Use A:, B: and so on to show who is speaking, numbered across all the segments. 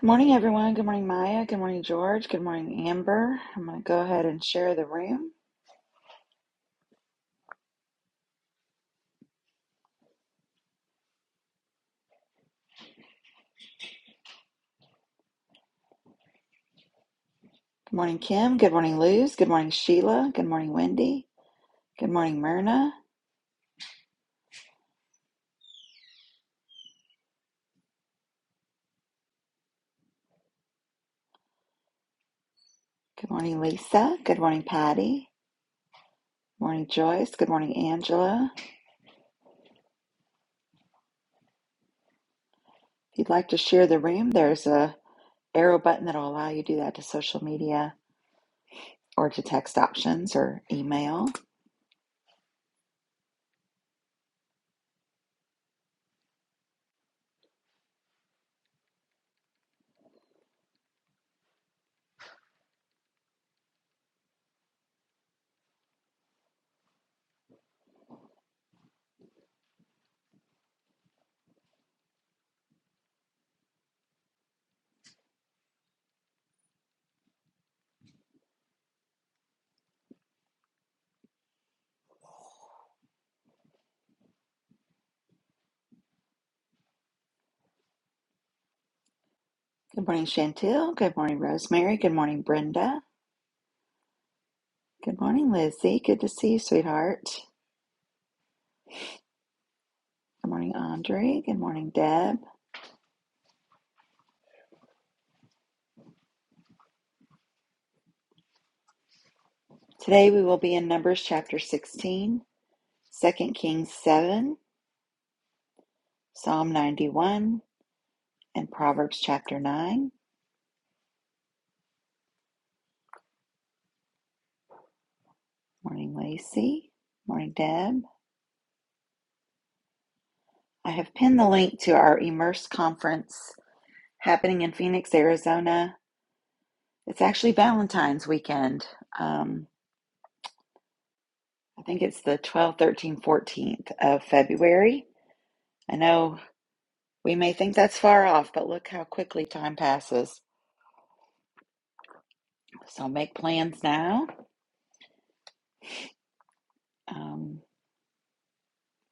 A: Good morning, everyone. Good morning, Maya. Good morning, George. Good morning, Amber. I'm going to go ahead and share the room. Good morning, Kim. Good morning, Luz. Good morning, Sheila. Good morning, Wendy. Good morning, Myrna. Good morning, Lisa. Good morning, Patty. Good morning, Joyce. Good morning, Angela. If you'd like to share the room, there's a arrow button that'll allow you to do that to social media or to text options or email. Good morning, Chantel. Good morning, Rosemary. Good morning, Brenda. Good morning, Lizzie. Good to see you, sweetheart. Good morning, Andre. Good morning, Deb. Today we will be in Numbers chapter 16, Second Kings 7, Psalm 91, and Proverbs chapter 9. Morning, Lacey. Morning, Deb. I have pinned the link to our Immerse conference happening in Phoenix, Arizona. It's actually Valentine's weekend. Um, I think it's the 12th, 13th, 14th of February. I know we may think that's far off, but look how quickly time passes. So make plans now Um,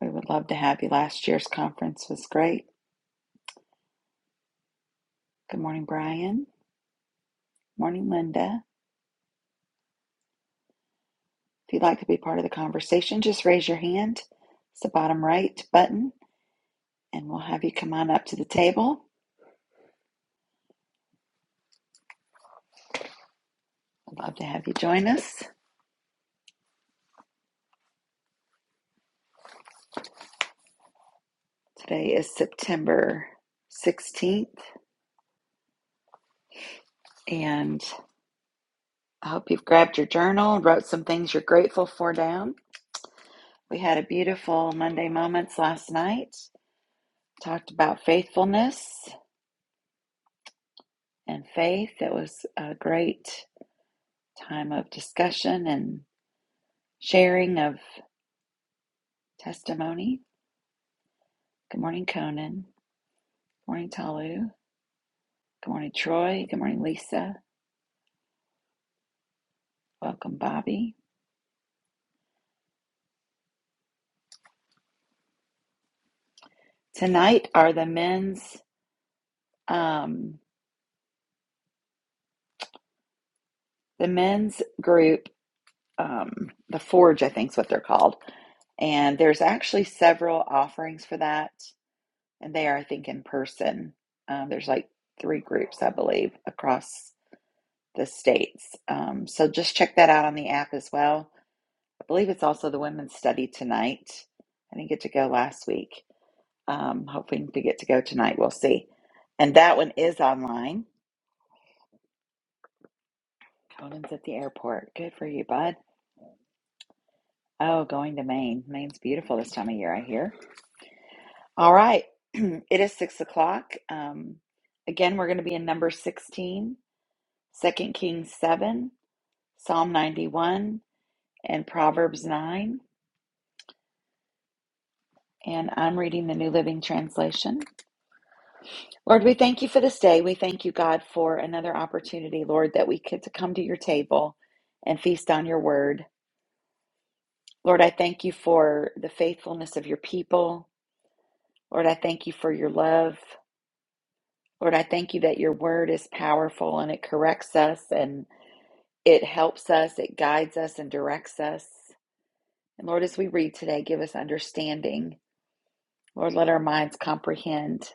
A: we would love to have you. Last year's conference was great. Good morning, Brian. Morning, Linda. If you'd like to be part of the conversation, just raise your hand. It's the bottom right button, and we'll have you come on up to the table. I'd love to have you join us. Today is September 16th, and I hope you've grabbed your journal, wrote some things you're grateful for down. We had a beautiful Monday Moments last night, talked about faithfulness and faith. It was a great Time of discussion and sharing of testimony. Good morning, Conan. Good morning, Talu. Good morning, Troy. Good morning, Lisa. Welcome, Bobby. Tonight are the men's um, the men's group, um, the Forge, I think is what they're called. And there's actually several offerings for that, and they are, I think, in person. Um, there's like three groups, I believe, across the states. Um, so just check that out on the app as well I believe it's also the women's study tonight. I didn't get to go last week. Um, hoping to get to go tonight. We'll see. And that one is online. Conan's at the airport. Good for you, bud. Oh, going to Maine. Maine's beautiful this time of year, I hear. All right. it is six o'clock. Um, again, we're going to be in number 16, Second Kings 7, Psalm 91, and Proverbs 9. And I'm reading the New Living Translation. Lord, we thank you for this day. We thank you, God, for another opportunity, Lord, that we get to come to your table and feast on your word. Lord, I thank you for the faithfulness of your people. Lord, I thank you for your love. Lord, I thank you that your word is powerful and it corrects us and it helps us, it guides us and directs us. And Lord, as we read today, give us understanding. Lord, let our minds comprehend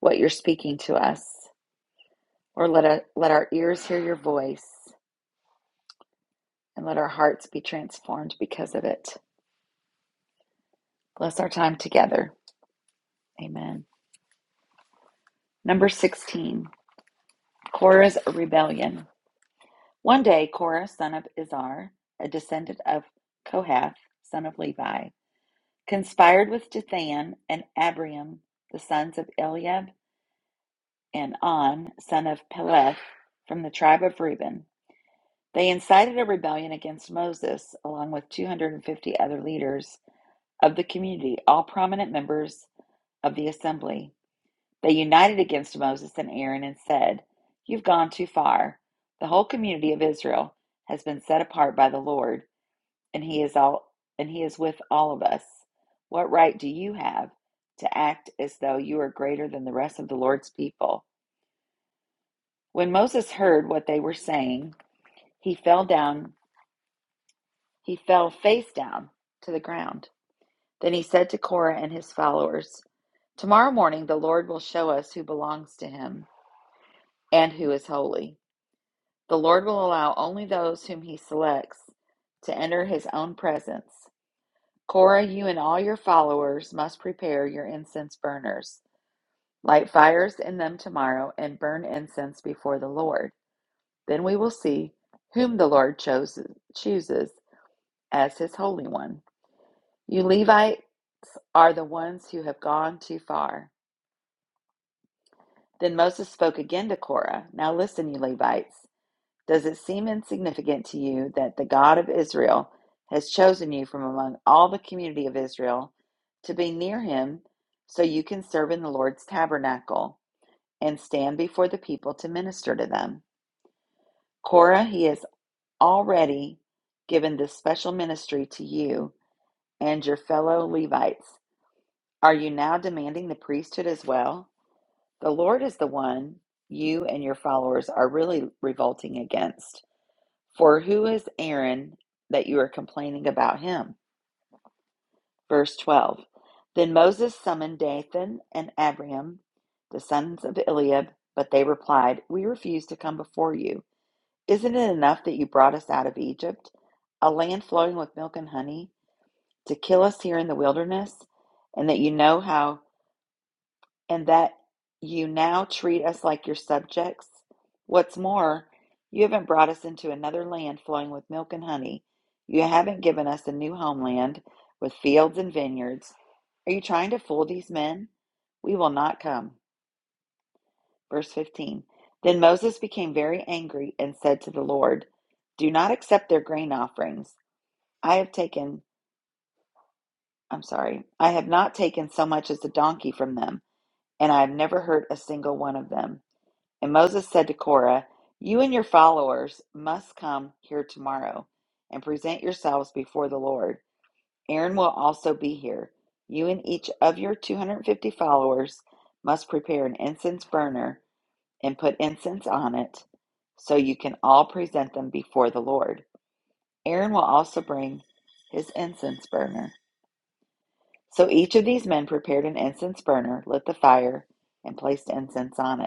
A: what you're speaking to us. or let, our- let our ears hear your voice. and let our hearts be transformed because of it. Bless our time together. Amen. Number 16, Korah's rebellion. One day, Korah, son of Izhar, a descendant of Kohath, son of Levi, conspired with Dathan and Abiram, the sons of Eliab, and On, son of Peleth, from the tribe of Reuben. They incited a rebellion against Moses, along with 250 other leaders of the community, all prominent members of the assembly. They united against Moses and Aaron and said, You've gone too far. The whole community of Israel has been set apart by the Lord, and he is all and he is with all of us. What right do you have to act as though you are greater than the rest of the Lord's people? When Moses heard what they were saying, he fell down, he fell face down to the ground. Then he said to Korah and his followers, Tomorrow morning the Lord will show us who belongs to him and who is holy. The Lord will allow only those whom He selects to enter His own presence. Korah, you and all your followers must prepare your incense burners. Light fires in them tomorrow and burn incense before the Lord. Then we will see whom the Lord chooses, chooses as His Holy One. You Levites are the ones who have gone too far. Then Moses spoke again to Korah. Now listen, you Levites. Does it seem insignificant to you that the God of Israel has chosen you from among all the community of Israel to be near him so you can serve in the Lord's tabernacle and stand before the people to minister to them? Korah, he has already given this special ministry to you and your fellow Levites. Are you now demanding the priesthood as well? The Lord is the one you and your followers are really revolting against. For who is Aaron that you are complaining about him? Verse 12. Then Moses summoned Dathan and Abiram, the sons of Eliab, but they replied, We refuse to come before you. Isn't it enough that you brought us out of Egypt, a land flowing with milk and honey, to kill us here in the wilderness? And that you know how and that you now treat us like your subjects? What's more, you haven't brought us into another land flowing with milk and honey. You haven't given us a new homeland with fields and vineyards. Are you trying to fool these men? We will not come. Verse 15 Then Moses became very angry and said to the Lord, Do not accept their grain offerings. I have taken, I'm sorry, I have not taken so much as a donkey from them, and I have never hurt a single one of them. And Moses said to Korah, You and your followers must come here tomorrow and present yourselves before the Lord. Aaron will also be here. You and each of your 250 followers must prepare an incense burner and put incense on it so you can all present them before the Lord. Aaron will also bring his incense burner. So each of these men prepared an incense burner, lit the fire, and placed incense on it.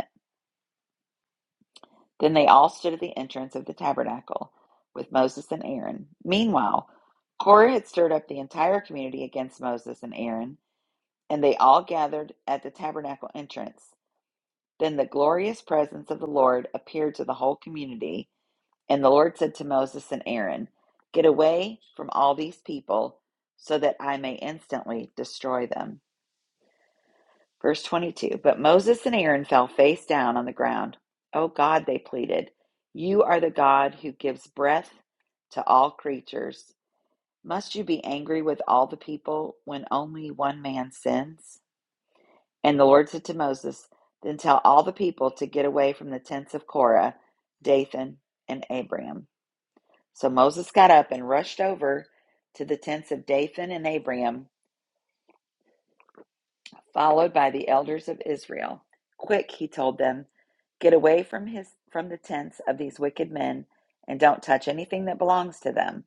A: Then they all stood at the entrance of the tabernacle with Moses and Aaron. Meanwhile, Korah had stirred up the entire community against Moses and Aaron, and they all gathered at the tabernacle entrance. Then the glorious presence of the Lord appeared to the whole community, and the Lord said to Moses and Aaron, Get away from all these people, so that I may instantly destroy them. Verse 22 But Moses and Aaron fell face down on the ground. Oh God, they pleaded, you are the God who gives breath to all creatures. Must you be angry with all the people when only one man sins? And the Lord said to Moses, Then tell all the people to get away from the tents of Korah, Dathan, and Abiram. So Moses got up and rushed over to the tents of Dathan and Abiram followed by the elders of Israel. Quick, he told them, get away from his from the tents of these wicked men and don't touch anything that belongs to them.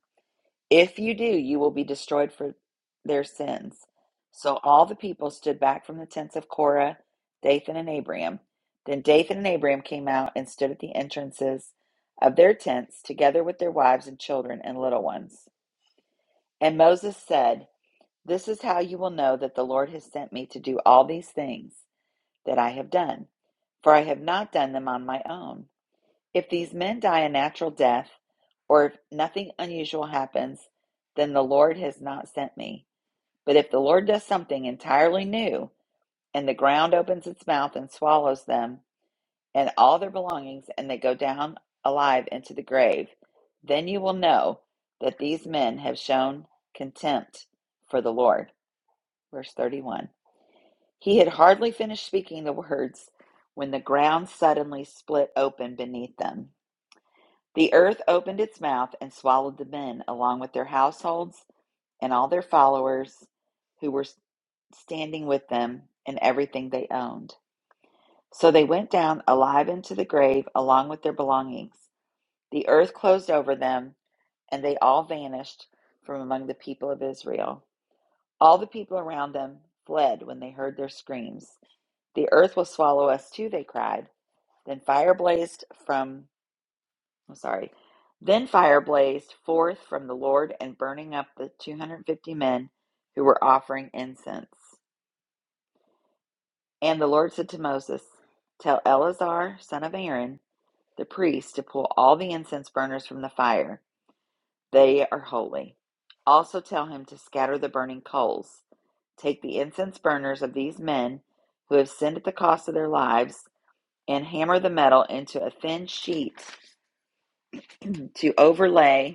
A: If you do, you will be destroyed for their sins. So all the people stood back from the tents of Korah, Dathan, and Abiram. Then Dathan and Abiram came out and stood at the entrances of their tents, together with their wives and children and little ones. And Moses said, This is how you will know that the Lord has sent me to do all these things that I have done, for I have not done them on my own. If these men die a natural death, or if nothing unusual happens, then the Lord has not sent me. But if the Lord does something entirely new, and the ground opens its mouth and swallows them and all their belongings, and they go down alive into the grave, then you will know that these men have shown contempt for the Lord. Verse 31. He had hardly finished speaking the words when the ground suddenly split open beneath them. The earth opened its mouth and swallowed the men, along with their households and all their followers who were standing with them and everything they owned. So they went down alive into the grave, along with their belongings. The earth closed over them, and they all vanished from among the people of Israel. All the people around them fled when they heard their screams. The earth will swallow us too, they cried. Then fire blazed from, I'm sorry, then fire blazed forth from the Lord and burning up the 250 men who were offering incense. And the Lord said to Moses, Tell Eleazar, son of Aaron, the priest, to pull all the incense burners from the fire. They are holy. Also tell him to scatter the burning coals. Take the incense burners of these men who have sinned at the cost of their lives and hammer the metal into a thin sheet to overlay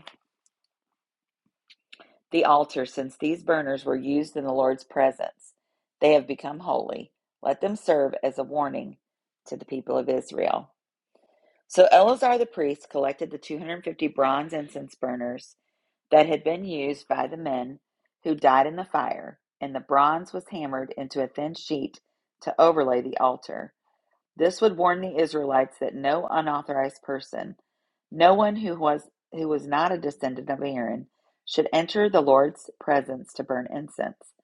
A: the altar, since these burners were used in the Lord's presence. They have become holy. Let them serve as a warning to the people of Israel. So Eleazar the priest collected the 250 bronze incense burners that had been used by the men who died in the fire, and the bronze was hammered into a thin sheet to overlay the altar. This would warn the Israelites that no unauthorized person, no one who was who was not a descendant of Aaron, should enter the Lord's presence to burn incense.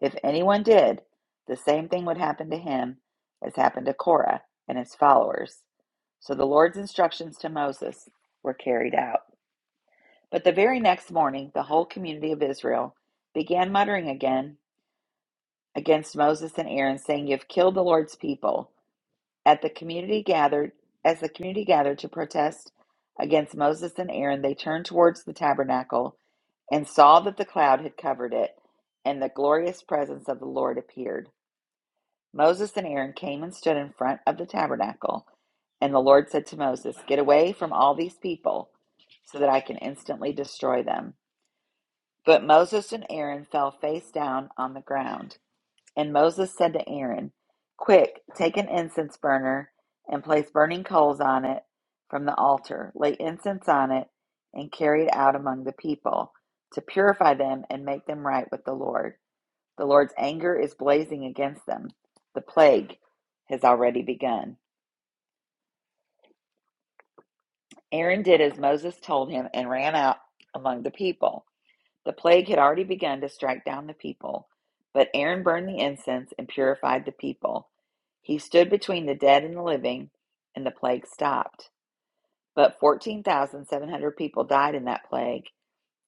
A: If anyone did, the same thing would happen to him as happened to Korah and his followers. So the Lord's instructions to Moses were carried out. But the very next morning, the whole community of Israel began muttering again against Moses and Aaron, saying, You have killed the Lord's people. At the community gathered as the community gathered to protest against Moses and Aaron, they turned towards the tabernacle and saw that the cloud had covered it, and the glorious presence of the Lord appeared. Moses and Aaron came and stood in front of the tabernacle, and the Lord said to Moses, Get away from all these people, so that I can instantly destroy them. But Moses and Aaron fell face down on the ground. And Moses said to Aaron, Quick, take an incense burner and place burning coals on it from the altar. Lay incense on it and carry it out among the people to purify them and make them right with the Lord. The Lord's anger is blazing against them. The plague has already begun. Aaron did as Moses told him and ran out among the people. The plague had already begun to strike down the people, but Aaron burned the incense and purified the people. He stood between the dead and the living, and the plague stopped. But 14,700 people died in that plague,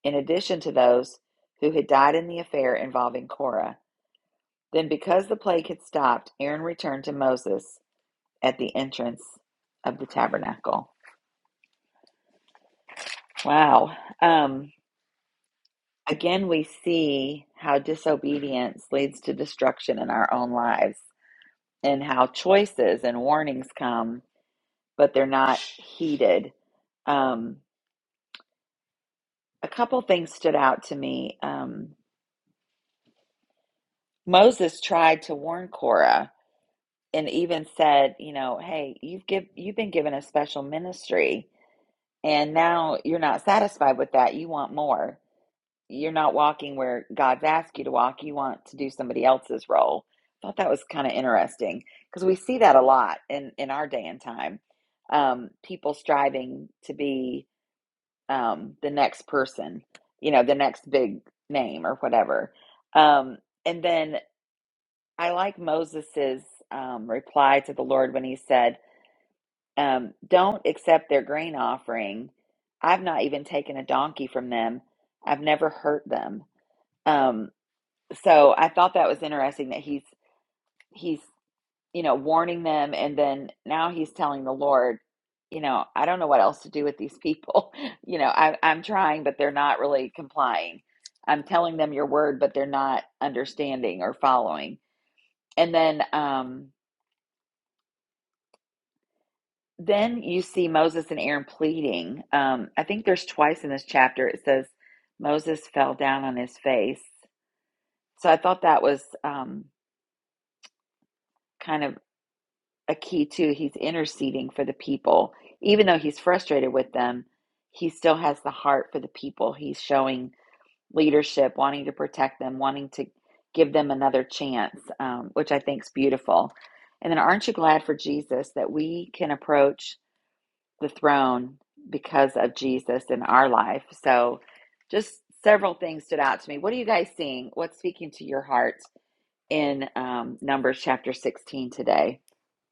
A: in addition to those who had died in the affair involving Korah. Then, because the plague had stopped, Aaron returned to Moses at the entrance of the tabernacle. Wow. Um, again, we see how disobedience leads to destruction in our own lives and how choices and warnings come, but they're not heeded. Um, a couple things stood out to me. Um, Moses tried to warn Cora and even said, you know, hey, you've give, you've been given a special ministry and now you're not satisfied with that. You want more. You're not walking where God's asked you to walk. You want to do somebody else's role. I thought that was kind of interesting because we see that a lot in, in our day and time. Um, people striving to be um, the next person, you know, the next big name or whatever. Um, and then I like Moses's um, reply to the Lord when he said, um, "Don't accept their grain offering. I've not even taken a donkey from them. I've never hurt them." Um, so I thought that was interesting that he's he's you know, warning them. And then now he's telling the Lord, you know, I don't know what else to do with these people. You know, I, I'm trying, but they're not really complying. I'm telling them your word, but they're not understanding or following. And then, um, then you see Moses and Aaron pleading. Um, I think there's twice in this chapter it says Moses fell down on his face. So I thought that was um, kind of a key too. He's interceding for the people. Even though he's frustrated with them, he still has the heart for the people. He's showing leadership, wanting to protect them, wanting to give them another chance, um, which I think is beautiful. And then, aren't you glad for Jesus that we can approach the throne because of Jesus in our life? So, just several things stood out to me. What are you guys seeing? What's speaking to your heart in um, Numbers chapter 16 today?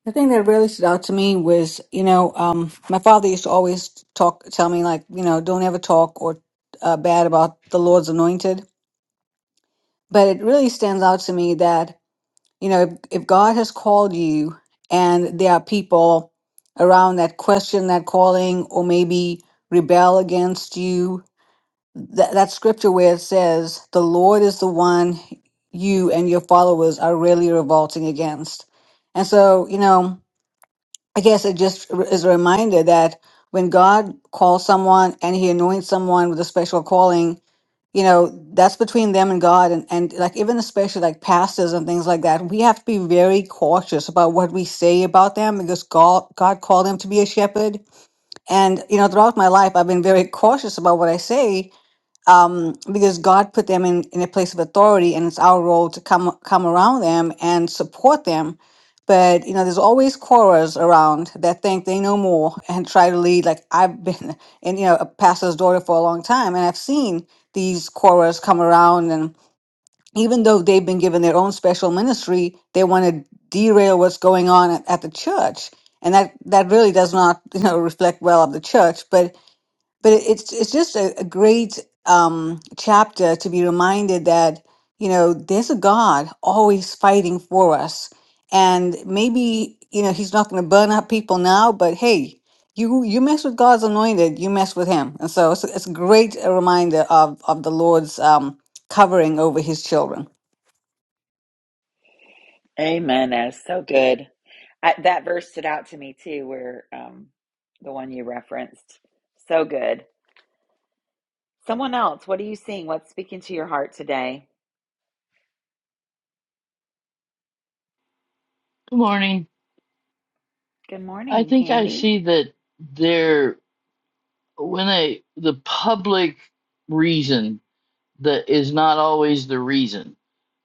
B: The thing that really stood out to me was, you know, um, my father used to always talk, tell me like, you know, don't ever talk or uh, bad about the Lord's anointed. But it really stands out to me that, you know, if, if God has called you and there are people around that question that calling or maybe rebel against you, that, that scripture where it says, the Lord is the one you and your followers are really revolting against. And so, you know, I guess it just r- is a reminder that when God calls someone and he anoints someone with a special calling, you know, that's between them and God. And, and like, even especially like pastors and things like that, we have to be very cautious about what we say about them because God, God called them to be a shepherd. And, you know, throughout my life, I've been very cautious about what I say um, because God put them in, in a place of authority, and it's our role to come come around them and support them. But you know, there's always quarrels around that think they know more and try to lead. Like I've been, and you know, a pastor's daughter for a long time, and I've seen these quarrels come around, and even though they've been given their own special ministry, they want to derail what's going on at, at the church, and that that really does not you know reflect well of the church. But but it- it's it's just a, a great um, chapter to be reminded that you know there's a God always fighting for us, and maybe you know He's not going to burn up people now, but hey, you you mess with God's anointed, you mess with Him, and so it's, it's a great uh, reminder of of the Lord's um, covering over His children.
A: Amen. That's so good. I, that verse stood out to me too, where um, the one you referenced. So good. Someone else, what are you seeing? What's speaking to your heart today?
C: Good morning.
A: Good
C: I
A: morning,
C: think I
A: Candy.
C: see that there when a the public reason that is not always the reason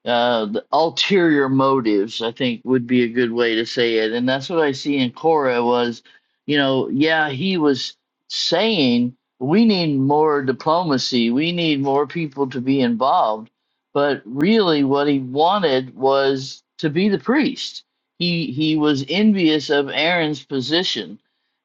C: uh, the ulterior motives, I think would be a good way to say it. And that's what I see in Cora was, you know, yeah, he was saying we need more diplomacy, we need more people to be involved. But really what he wanted was to be the priest. He he was envious of Aaron's position.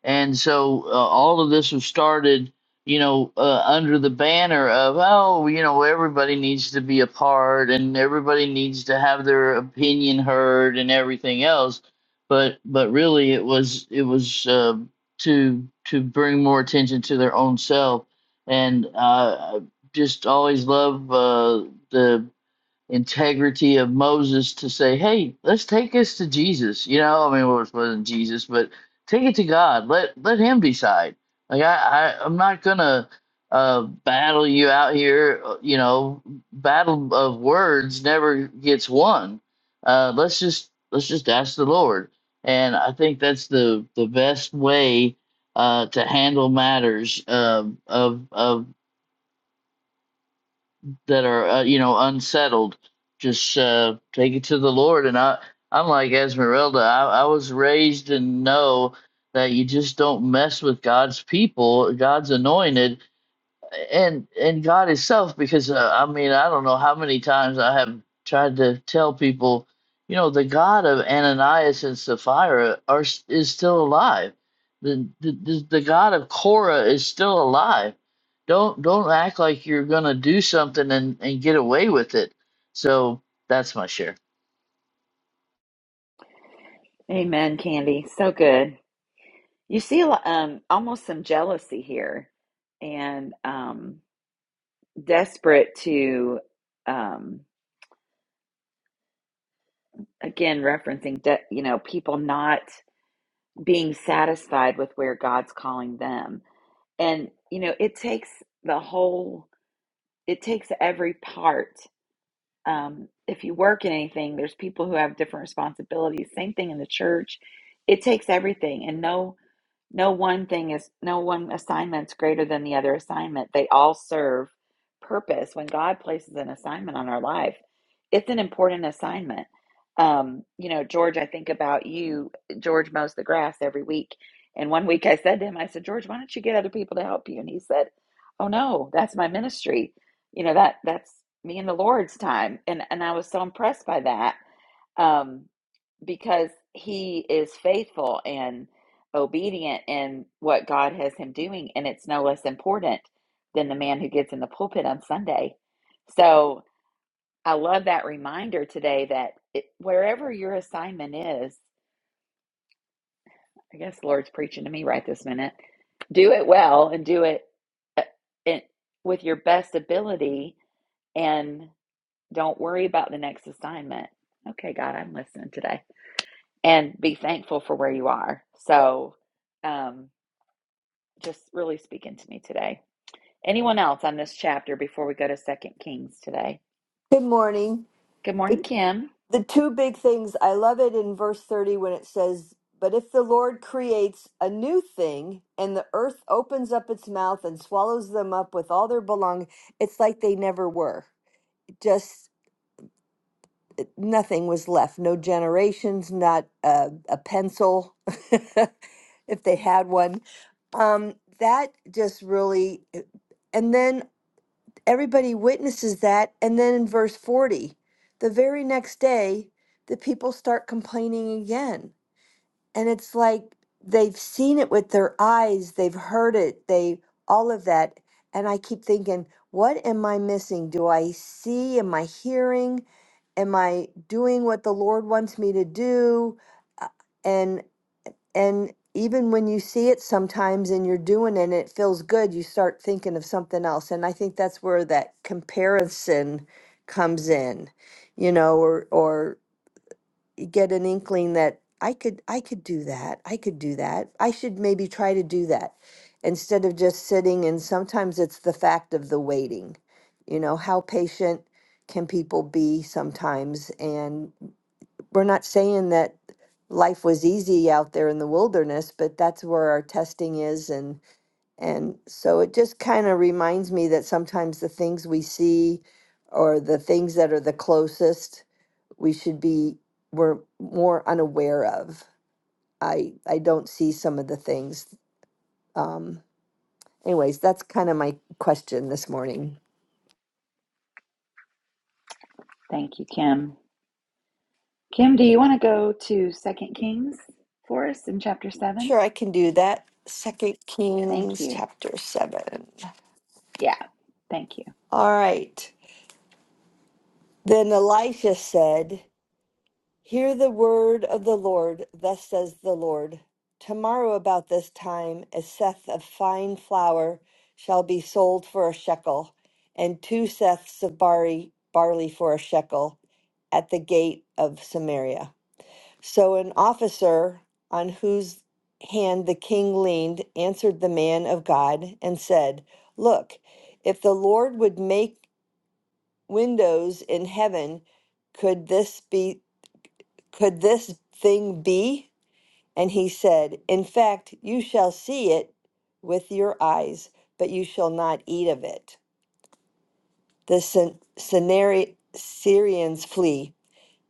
C: And so uh, all of this was started you know, uh, under the banner of, oh, you know, everybody needs to be a part and everybody needs to have their opinion heard and everything else. But but really, it was it was uh, to to bring more attention to their own self. And uh, I just always love uh, the integrity of Moses to say, "Hey, let's take this to Jesus." You know, I mean, well, it wasn't Jesus, but take it to God. Let let Him decide. Like I, I I'm not gonna uh, battle you out here. uh, You know, battle of words never gets won. Uh, let's just let's just ask the Lord, and I think that's the the best way. Uh, to handle matters um of of that are uh, you know unsettled just uh, take it to the lord and i i'm like esmeralda I, I was raised and know that you just don't mess with god's people god's anointed and and God Himself, because uh, I mean, I don't know how many times I have tried to tell people, you know, the God of Ananias and Sapphira are s- is still alive. The the the the God of Korah is still alive. Don't don't act like you're gonna do something and and get away with it. So that's my share.
A: Amen, Candy. So good. You see a lo- um, almost some jealousy here and um, desperate to, um, again, referencing, de- you know, people not being satisfied with where God's calling them. And, you know, it takes the whole it takes every part. Um, if you work in anything, there's people who have different responsibilities. Same thing in the church. It takes everything, and no no one thing is, no one assignment's greater than the other assignment. They all serve purpose. When God places an assignment on our life, it's an important assignment. Um, you know, George, I think about you. George mows the grass every week. And one week I said to him, I said, George, why don't you get other people to help you? And he said, Oh no, that's my ministry. You know, that that's me and the Lord's time. And and I was so impressed by that. Um, because he is faithful and obedient in what God has him doing, and it's no less important than the man who gets in the pulpit on Sunday. So I love that reminder today that it, wherever your assignment is, I guess the Lord's preaching to me right this minute, do it well and do it uh, in, with your best ability, and don't worry about the next assignment. Okay, God, I'm listening today. and be thankful for where you are. So, um, just really speaking to me today. Anyone else on this chapter before we go to Second Kings today?
D: Good morning.
A: Good
D: The,
A: morning, Kim.
D: the two big things, I love it in verse 30 when it says, But if the Lord creates a new thing and the earth opens up its mouth and swallows them up with all their belonging, it's like they never were. Just nothing was left. No generations, not a, a pencil, if they had one. Um, that just really, and then everybody witnesses that. And then in verse 40, the very next day, the people start complaining again. And it's like they've seen it with their eyes, they've heard it, they all of that. And I keep thinking, what am I missing? Do I see? Am I hearing? Am I doing what the Lord wants me to do? Uh, And. And even when you see it sometimes and you're doing it and it feels good, you start thinking of something else. And I think that's where that comparison comes in, you know, or or you get an inkling that I could I could do that. I could do that. I should maybe try to do that instead of just sitting and sometimes it's the fact of the waiting. You know, how patient can people be sometimes and we're not saying that life was easy out there in the wilderness, but that's where our testing is and and so it just kind of reminds me that sometimes the things we see or the things that are the closest we should be we're more unaware of. I I don't see some of the things. Um anyways, that's kind of my question this morning.
A: Thank you, Kim. Kim, do you want to go to Second Kings for us in chapter seven?
D: Sure I can do that. Second
A: Thank
D: Kings
A: you.
D: chapter seven.
A: Yeah, thank you,
D: All right. Then Elisha said, Hear the word of the Lord, thus says the Lord. Tomorrow about this time a seth of fine flour shall be sold for a shekel, and two seths of barley, barley for a shekel at the gate of Samaria. So an officer on whose hand the king leaned answered the man of God and said, Look, if the Lord would make windows in heaven could this be could this thing be and he said in fact you shall see it with your eyes but you shall not eat of it the Sy- Synari- syrians flee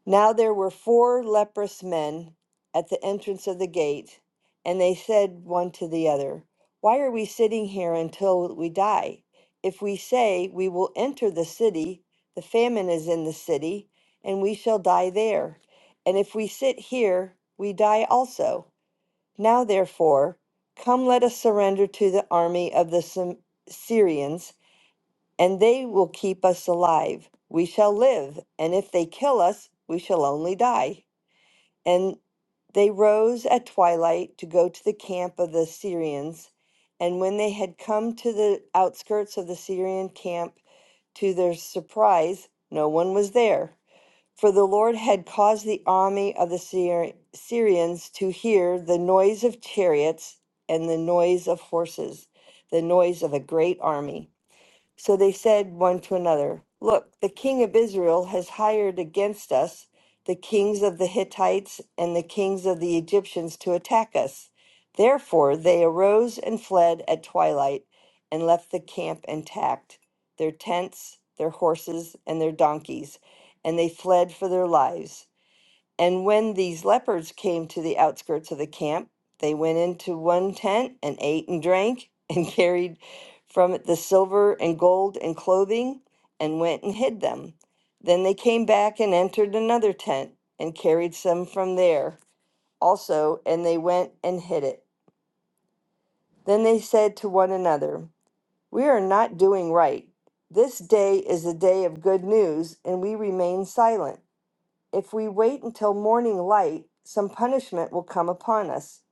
D: now there were four leprous men at the entrance of the gate, and they said one to the other, Why are we sitting here until we die? If we say we will enter the city, the famine is in the city, and we shall die there. And if we sit here, we die also. Now therefore, come let us surrender to the army of the Sym- Syrians and they will keep us alive. We shall live, and if they kill us, we shall only die. And they rose at twilight to go to the camp of the Syrians. And when they had come to the outskirts of the Syrian camp, to their surprise, no one was there. For the Lord had caused the army of the Syri- Syrians to hear the noise of chariots and the noise of horses, the noise of a great army. So they said one to another, Look, the king of Israel has hired against us the kings of the Hittites and the kings of the Egyptians to attack us. Therefore they arose and fled at twilight and left the camp intact, their tents, their horses, and their donkeys, and they fled for their lives. And when these lepers came to the outskirts of the camp, they went into one tent and ate and drank and carried from it the silver and gold and clothing and went and hid them. Then they came back and entered another tent and carried some from there also, and they went and hid it. Then they said to one another, We are not doing right. This day is a day of good news, and we remain silent. If we wait until morning light, some punishment will come upon us.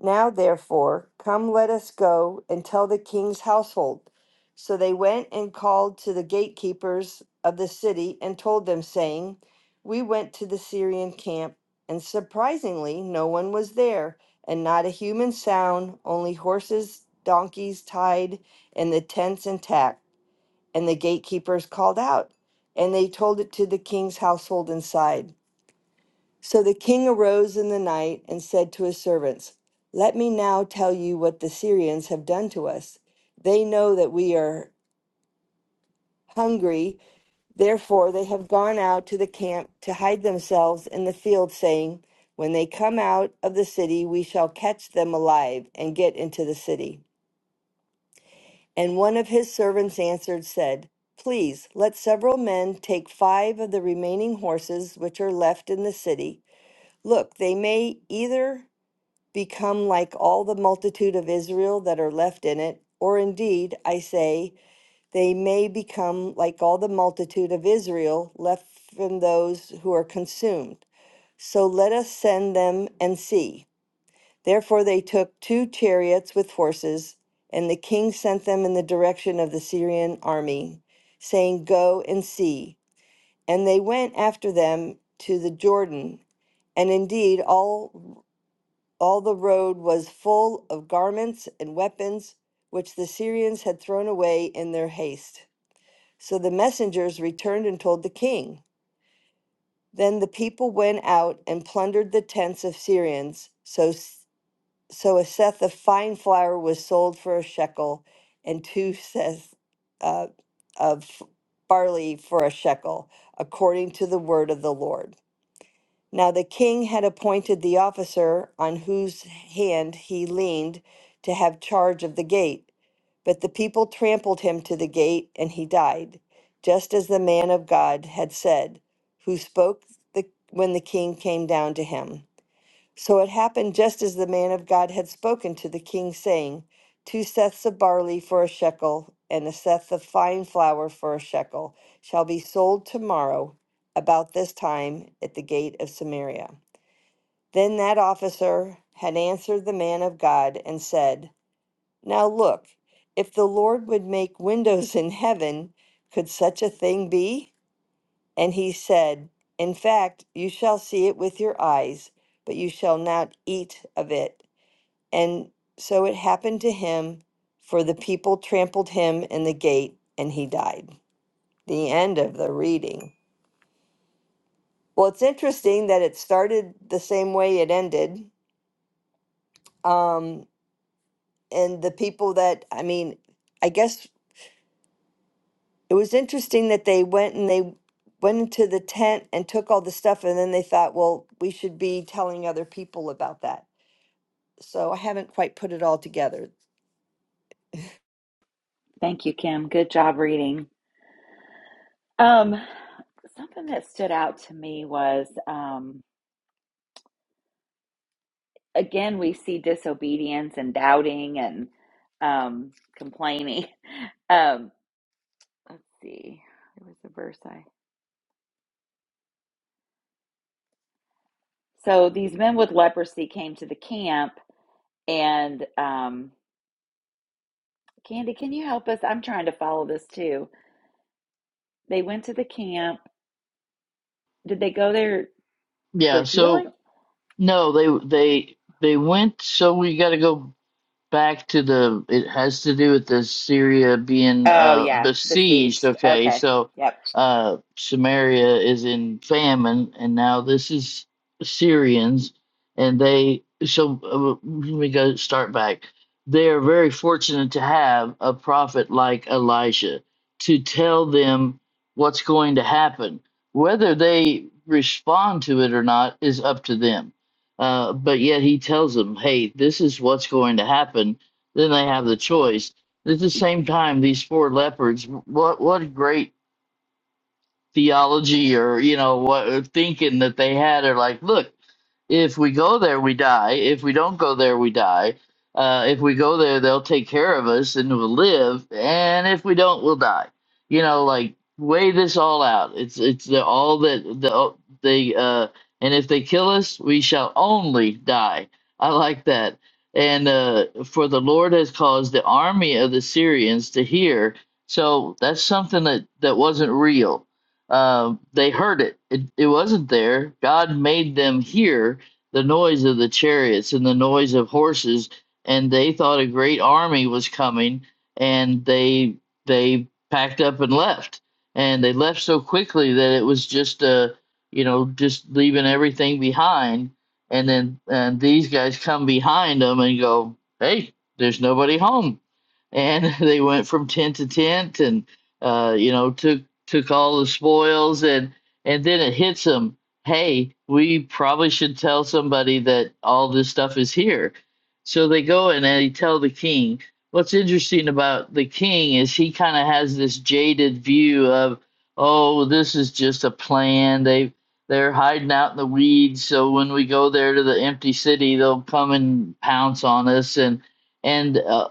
D: Now, therefore, come, let us go and tell the king's household. So they went and called to the gatekeepers of the city and told them, saying, We went to the Syrian camp, and surprisingly, no one was there, and not a human sound, only horses, donkeys tied, and the tents intact. And the gatekeepers called out, and they told it to the king's household inside. So the king arose in the night and said to his servants, Let me now tell you what the Syrians have done to us. They know that we are hungry, therefore they have gone out to the camp to hide themselves in the field, saying, When they come out of the city, we shall catch them alive and get into the city. And one of his servants answered, said, Please let several men take five of the remaining horses which are left in the city. Look, they may either become like all the multitude of Israel that are left in it, or indeed, I say, they may become like all the multitude of Israel left from those who are consumed. So let us send them and see. Therefore, they took two chariots with horses, and the king sent them in the direction of the Syrian army, saying, Go and see. And they went after them to the Jordan. And indeed, all all the road was full of garments and weapons which the Syrians had thrown away in their haste. So the messengers returned and told the king. Then the people went out and plundered the tents of Syrians. So, so a seth of fine flour was sold for a shekel, and two seth uh, of barley for a shekel, according to the word of the Lord. Now the king had appointed the officer on whose hand he leaned to have charge of the gate, but the people trampled him to the gate, and he died, just as the man of God had said, who spoke the, when the king came down to him. So it happened just as the man of God had spoken to the king, saying, Two seths of barley for a shekel, and a seth of fine flour for a shekel shall be sold tomorrow about this time at the gate of Samaria. Then that officer had answered the man of God and said, Now look, if the Lord would make windows in heaven, could such a thing be? And he said, In fact, you shall see it with your eyes, but you shall not eat of it. And so it happened to him, for the people trampled him in the gate, and he died. The end of the reading. Well, it's interesting that it started the same way it ended. Um, and the people that I mean, I guess it was interesting that they went and they went into the tent and took all the stuff, and then they thought, well, we should be telling other people about that. So I haven't quite put it all together.
A: thank you, Kim. Good job reading. Um, something that stood out to me was um, again we see disobedience and doubting and um, complaining. Um, let's see, there was a verse I. So these men with leprosy came to the camp, and um, Candy, can you help us? I'm trying to follow this too. They went to the camp. Did they go there for
C: Yeah. So
A: healing?
C: no, they they they went. So we got to go back to the it has to do with the syria being
A: Oh,
C: uh
A: yeah,
C: besieged
A: besieged.
C: okay
A: Okay.
C: so
A: Yep.
C: uh samaria is in famine and now this is syrians and they so uh, let me go start back they are very fortunate to have a prophet like Elijah to tell them what's going to happen whether they respond to it or not is up to them uh, but yet he tells them, hey, this is what's going to happen. Then they have the choice. At the same time, these four leopards, what what great theology or you know what thinking that they had are like, look, if we go there, we die. If we don't go there, we die. Uh, if we go there, they'll take care of us and we'll live. And if we don't, we'll die. You know, like weigh this all out. It's it's the, all that the they uh, and if they kill us, we shall only die. I like that. And uh, for the Lord has caused the army of the Syrians to hear. So that's something that that wasn't real. Um, they heard it. it. It wasn't there. God made them hear the noise of the chariots and the noise of horses and they thought a great army was coming and they they packed up and left and they left so quickly that it was just uh you know just leaving everything behind and then and these guys come behind them and go hey there's nobody home and they went from tent to tent and uh you know took took all the spoils and and then it hits them hey, we probably should tell somebody that all this stuff is here. So they go and they tell the king. What's interesting about the king is he kind of has this jaded view of, oh, this is just a plan. They they're hiding out in the weeds, so when we go there to the empty city, they'll come and pounce on us. And and uh,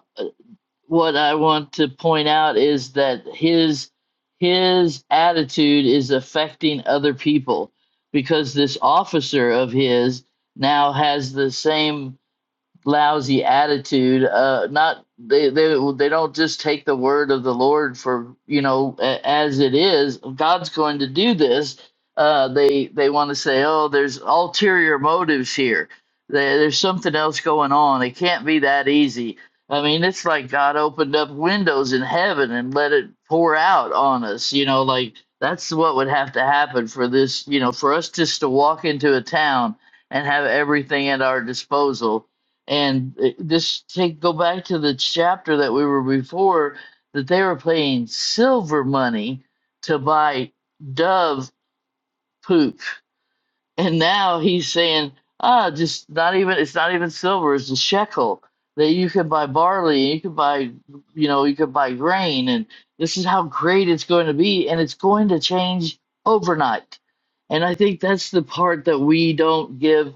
C: what I want to point out is that his his attitude is affecting other people because this officer of his now has the same lousy attitude uh not they they they don't just take the word of the lord for you know a- as it is god's going to do this uh they they want to say oh there's ulterior motives here there, there's something else going on it can't be that easy i mean it's like god opened up windows in heaven and let it pour out on us you know like that's what would have to happen for this you know for us just to walk into a town and have everything at our disposal and it- this take go back to the chapter that we were before that they were paying silver money to buy dove poop and now he's saying ah just not even it's not even silver it's a shekel that you could buy barley you could buy you know you could buy grain and this is how great it's going to be and it's going to change overnight and i think that's the part that we don't give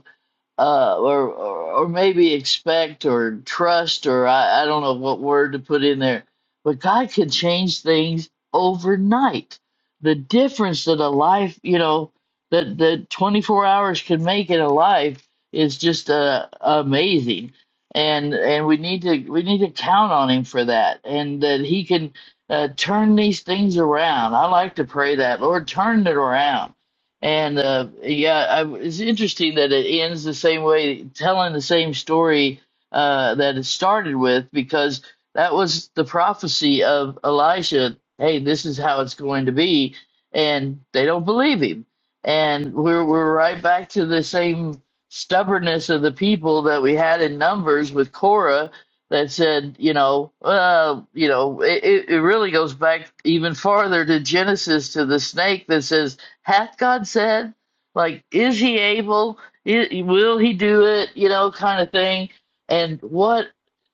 C: uh, or, or or maybe expect or trust or I, I don't know what word to put in there, but God can change things overnight. The difference that a life, you know, that that 24 hours can make in a life is just uh, amazing, and and we need to we need to count on Him for that, and that He can uh, turn these things around. I like to pray that Lord, turn it around and uh, yeah, I, it's interesting that it ends the same way, telling the same story uh, that it started with, because that was the prophecy of Elisha. Hey, this is how it's going to be, and they don't believe him. And we're we're right back to the same stubbornness of the people that we had in Numbers with Korah that said, you know, uh, you know, it, it it really goes back even farther to Genesis to the snake that says hath God said? Like, is he able? I will he do it? You know, kind of thing. And what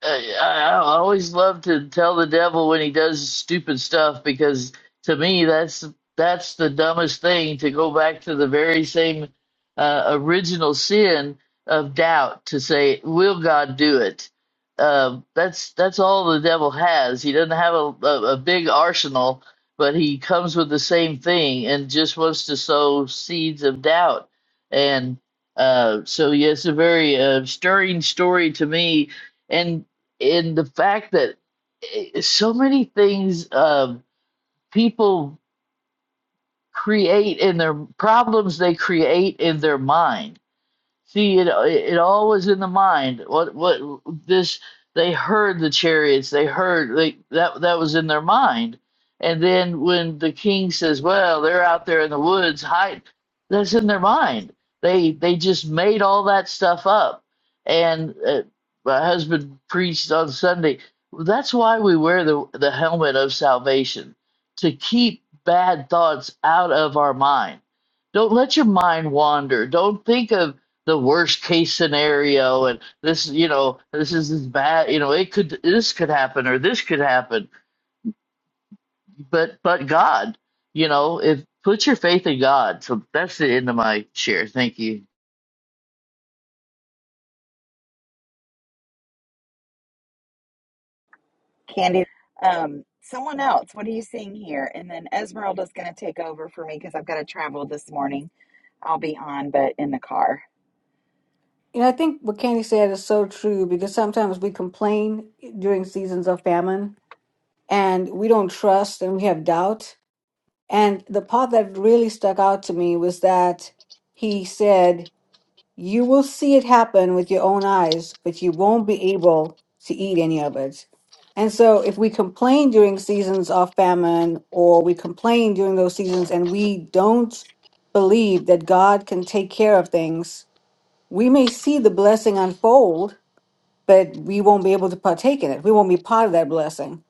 C: uh, I, I always love to tell the devil when he does stupid stuff because to me that's that's the dumbest thing to go back to the very same uh, original sin of doubt to say, will God do it? Um that's that's all the devil has. He doesn't have a, a, a big arsenal but he comes with the same thing and just wants to sow seeds of doubt. And uh, so, yeah, it's a very uh, stirring story to me, and in the fact that eh, so many things um people create in their problems they create in their mind See, it it all was in the mind. What what this they heard the chariots, they heard they that that was in their mind. And then when the king says, "Well, they're out there in the woods hiding," that's in their mind. They they just made all that stuff up. And uh, my husband preached on Sunday. That's why we wear the the helmet of salvation to keep bad thoughts out of our mind. Don't let your mind wander. Don't think of the worst case scenario and this you know this is as bad you know it could this could happen or this could happen but but god you know if put your faith in god so that's the end of my share thank you
A: Candy, um, someone else. What are you seeing here? And then Esmeralda's going to take over for me because I've got to travel this morning. I'll be on, but in the car.
B: You know, I think what Candy said is so true because sometimes we complain during seasons of famine and we don't trust and we have doubt And the part that really stuck out to me was that he said, You will see it happen with your own eyes, but you won't be able to eat any of it. And so, if we complain during seasons of famine or we complain during those seasons and we don't believe that God can take care of things, we may see the blessing unfold, but we won't be able to partake in it. We won't be part of that blessing.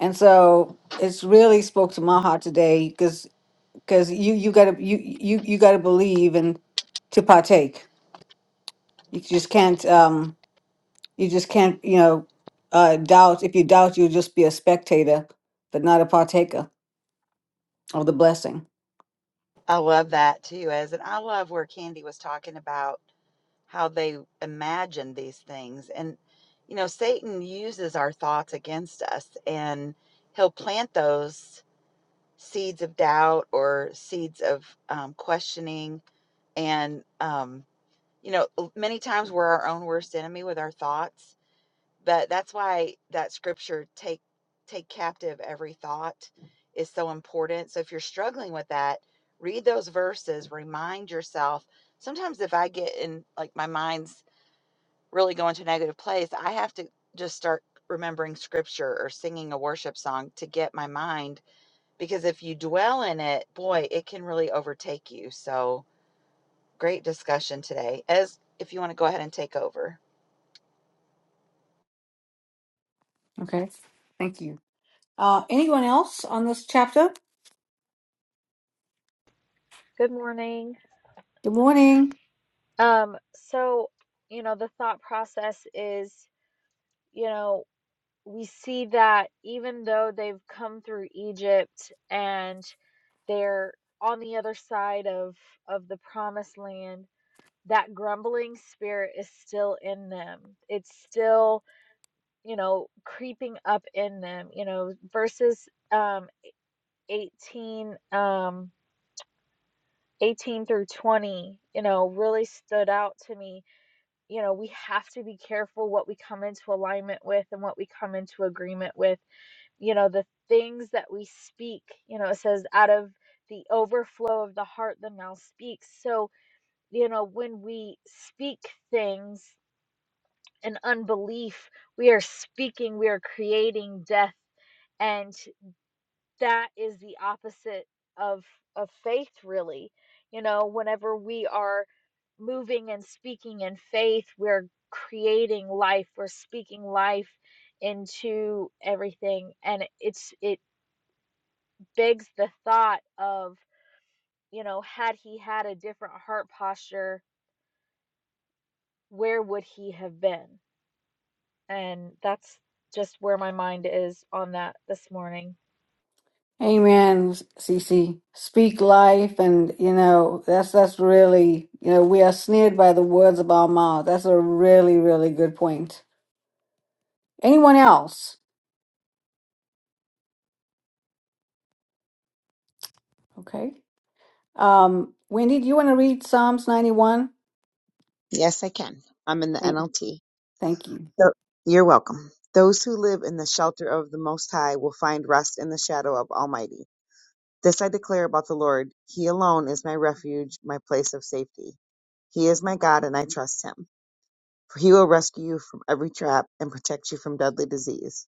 B: And so, it's really spoke to my heart today because because you you gotta you you you gotta believe and to partake. You just can't um you just can't you know uh doubt. If you doubt, you'll just be a spectator, but not a partaker of the blessing.
A: I love that too, as and I love where Candy was talking about. how they imagine these things. And, you know, Satan uses our thoughts against us and he'll plant those seeds of doubt or seeds of um, questioning. And, um, you know, many times we're our own worst enemy with our thoughts. But that's why that scripture, take, take captive every thought, is so important. So if you're struggling with that, read those verses, remind yourself. Sometimes if I get in, like, my mind's really go into negative place, I have to just start remembering scripture or singing a worship song to get my mind because if you dwell in it, boy, it can really overtake you. So, great discussion today. Ez, if you want to go ahead and take over.
B: Okay, thank you. Uh, anyone else on this chapter?
E: Good morning.
B: Good morning.
E: Um, so, you know, the thought process is, you know, we see that even though they've come through Egypt and they're on the other side of of the promised land, that grumbling spirit is still in them. It's still, you know, creeping up in them. You know, verses um 18 um 18 through 20, you know, really stood out to me you know, we have to be careful what we come into alignment with and what we come into agreement with. You know, the things that we speak, you know, it says out of the overflow of the heart, the mouth speaks. So, you know, when we speak things in unbelief, we are speaking, we are creating death. and that is the opposite of of faith really you know whenever we are moving and speaking in faith we're creating life we're speaking life into everything and it's it begs the thought of you know had he had a different heart posture where would he have been and that's just where my mind is on that this morning
B: Amen, Cece, Speak life, and you know that's that's really you know we are snared by the words of our mouth. That's a really really good point. Anyone else? Okay. Um, Wendy, do you want to read Psalms 91?
F: Yes, I can. I'm in the
B: Thank,
F: NLT.
B: thank you.
F: So- You're welcome. Those who live in the shelter of the Most High will find rest in the shadow of Almighty. This I declare about the Lord. He alone is my refuge, my place of safety. He is my God, and I trust him. For he will rescue you from every trap and protect you from deadly disease.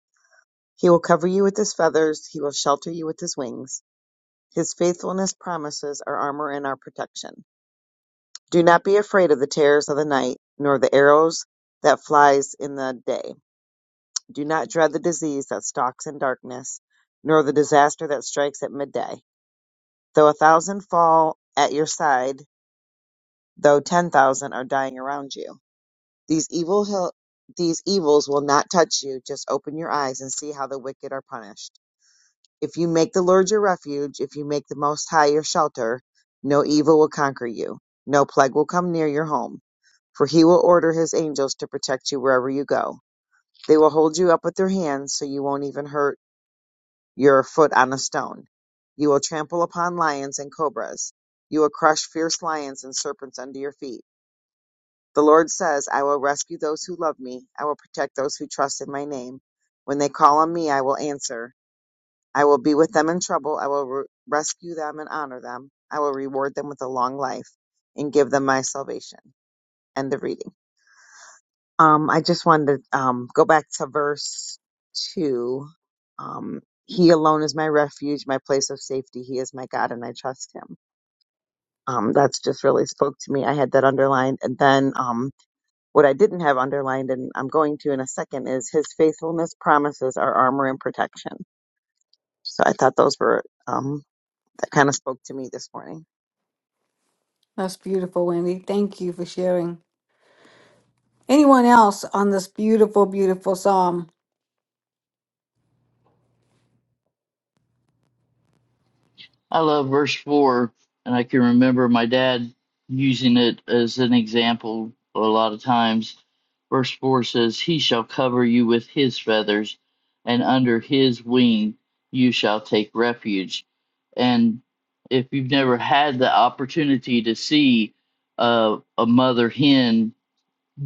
F: He will cover you with his feathers. He will shelter you with his wings. His faithfulness promises our armor and our protection. Do not be afraid of the terrors of the night, nor the arrows that flies in the day Do not dread the disease that stalks in darkness, nor the disaster that strikes at midday. Though a thousand fall at your side, though ten thousand are dying around you, these evil hill, these evils will not touch you. Just open your eyes and see how the wicked are punished. If you make the Lord your refuge, if you make the Most High your shelter, no evil will conquer you, no plague will come near your home. For he will order his angels to protect you wherever you go. They will hold you up with their hands so you won't even hurt your foot on a stone. You will trample upon lions and cobras. You will crush fierce lions and serpents under your feet. The Lord says, I will rescue those who love me. I will protect those who trust in my name. When they call on me, I will answer. I will be with them in trouble. I will re- rescue them and honor them. I will reward them with a long life and give them my salvation. End of reading. Um, I just wanted to um, go back to verse 2. Um, he alone is my refuge, my place of safety. He is my God, and I trust him. Um, that's just really spoke to me. I had that underlined. And then um, what I didn't have underlined, and I'm going to in a second, is his faithfulness promises our armor and protection. So I thought those were, um, that kind of spoke to me this morning.
B: That's beautiful, Wendy. Thank you for sharing. Anyone else on this beautiful, beautiful psalm?
C: I love verse 4, and I can remember my dad using it as an example a lot of times. Verse 4 says, He shall cover you with his feathers, and under his wing you shall take refuge. And if you've never had the opportunity to see uh, a mother hen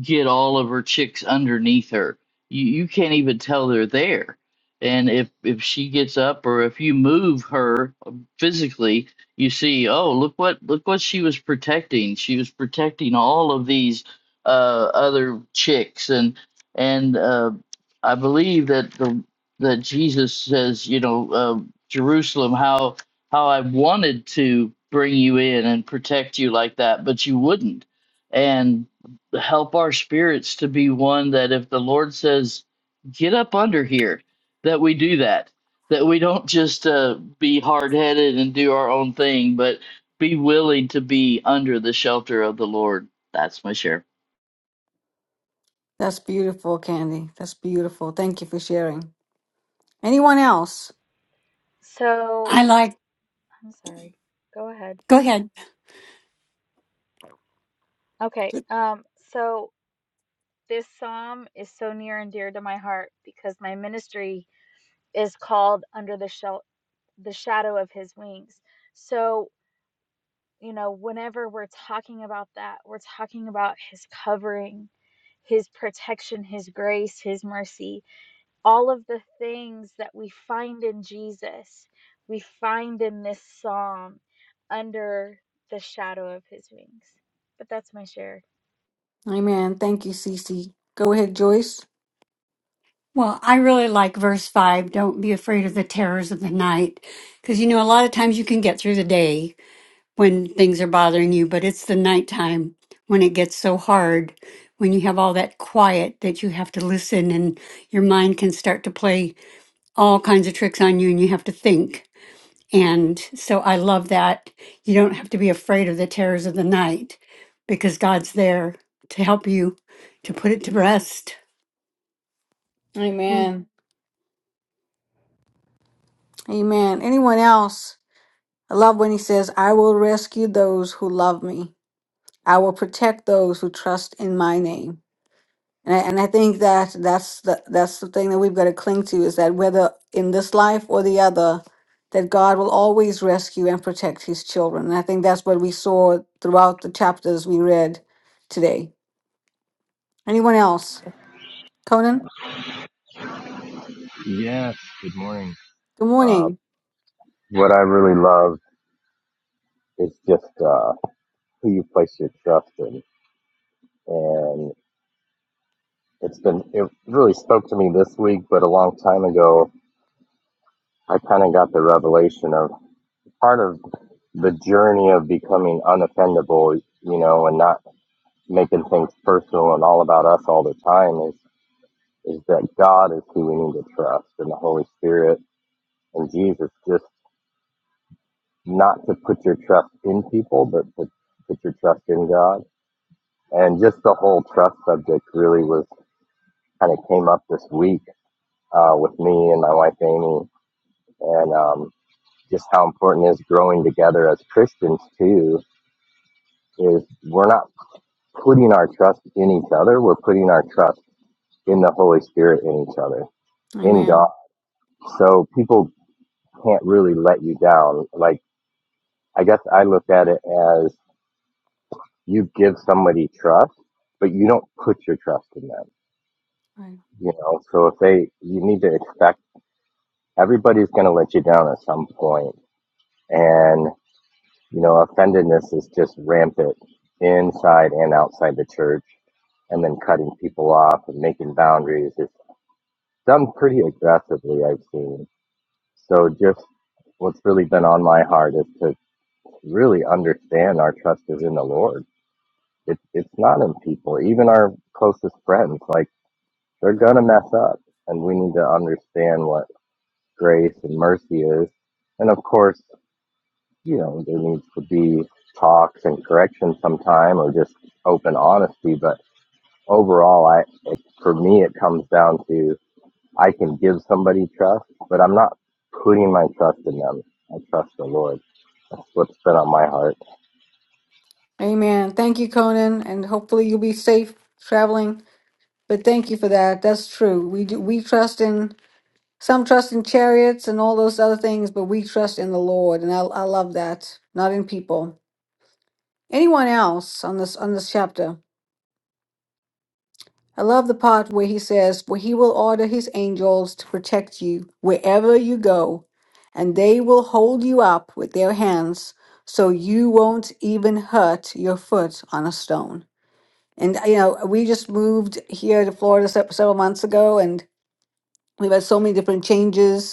C: get all of her chicks underneath her. You you can't even tell they're there. And if if she gets up or if you move her physically, you see, oh look what look what she was protecting. She was protecting all of these uh, other chicks and and uh, I believe that the that Jesus says, you know, uh, Jerusalem, how how I wanted to bring you in and protect you like that, but you wouldn't and help our spirits to be one that if the Lord says, get up under here, that we do that. That we don't just uh, be hard headed and do our own thing, but be willing to be under the shelter of the Lord. That's my share.
B: That's beautiful, Candy. That's beautiful. Thank you for sharing. Anyone else?
E: so
G: I like,
E: i'm sorry go ahead
G: go ahead.
E: okay um so This psalm is so near and dear to my heart because my ministry is called under the shell the shadow of his wings. So, you know, whenever we're talking about that, we're talking about his covering, his protection, his grace, his mercy, all of the things that we find in Jesus, we find in this psalm under the shadow of his wings. But that's my share.
B: Amen. Thank you, Cece. Go ahead, Joyce.
G: Well, I really like verse five. Don't be afraid of the terrors of the night. Cause you know, a lot of times you can get through the day when things are bothering you, but it's the nighttime when it gets so hard, when you have all that quiet that you have to listen and your mind can start to play all kinds of tricks on you and you have to think. And so I love that you don't have to be afraid of the terrors of the night because God's there to help you to put it to rest.
B: Amen. Amen. Anyone else? I love when he says, I will rescue those who love me. I will protect those who trust in my name. And I, and I think that that's the that's the thing that we've got to cling to is that whether in this life or the other, that God will always rescue and protect His children. And I think that's what we saw throughout the chapters we read today. Anyone else? Conan.
H: Yes, good morning.
B: Good
H: Uh,
B: morning.
H: what I really love is just uh, who you place your trust in. And it's been, it really spoke to me this week, but a long time ago, I kind of got the revelation of part of the journey of becoming unoffendable, you know, and not making things personal and all about us all the time is, is that God is who we need to trust and the Holy Spirit and Jesus, just not to put your trust in people, but to put your trust in God and just the whole trust subject really was kind of came up this week uh, with me and my wife Amy, and um, just how important it is growing together as Christians too. Is we're not putting our trust in each other; we're putting our trust in the Holy Spirit in each other, in God.
B: Amen.
H: So people can't really let you down. Like I guess I look at it as you give somebody trust, but you don't put your trust in them.
B: Right.
H: You know, so if they, you need to expect everybody's going to let you down at some point and you know offendedness is just rampant inside and outside the church and then cutting people off and making boundaries is done pretty aggressively i've seen so just what's really been on my heart is to really understand our trust is in the lord it, it's not in people even our closest friends like they're going to mess up and we need to understand what grace and mercy is and of course you know, there needs to be talks and correction sometime or just open honesty. But overall, I, it, for me, it comes down to I can give somebody trust, but I'm not putting my trust in them. I trust the Lord. That's what's been on my heart.
B: Amen. Thank you, Conan, and hopefully you'll be safe traveling. But thank you for that. That's true. We do, we trust in Some trust in chariots and all those other things, but we trust in the Lord, and I, I love that, not in people. Anyone else on this on this chapter? I love the part where he says, "For he will order his angels to protect you wherever you go, and they will hold you up with their hands, so you won't even hurt your foot on a stone." And you know, we just moved here to Florida se- several months ago, and we've had so many different changes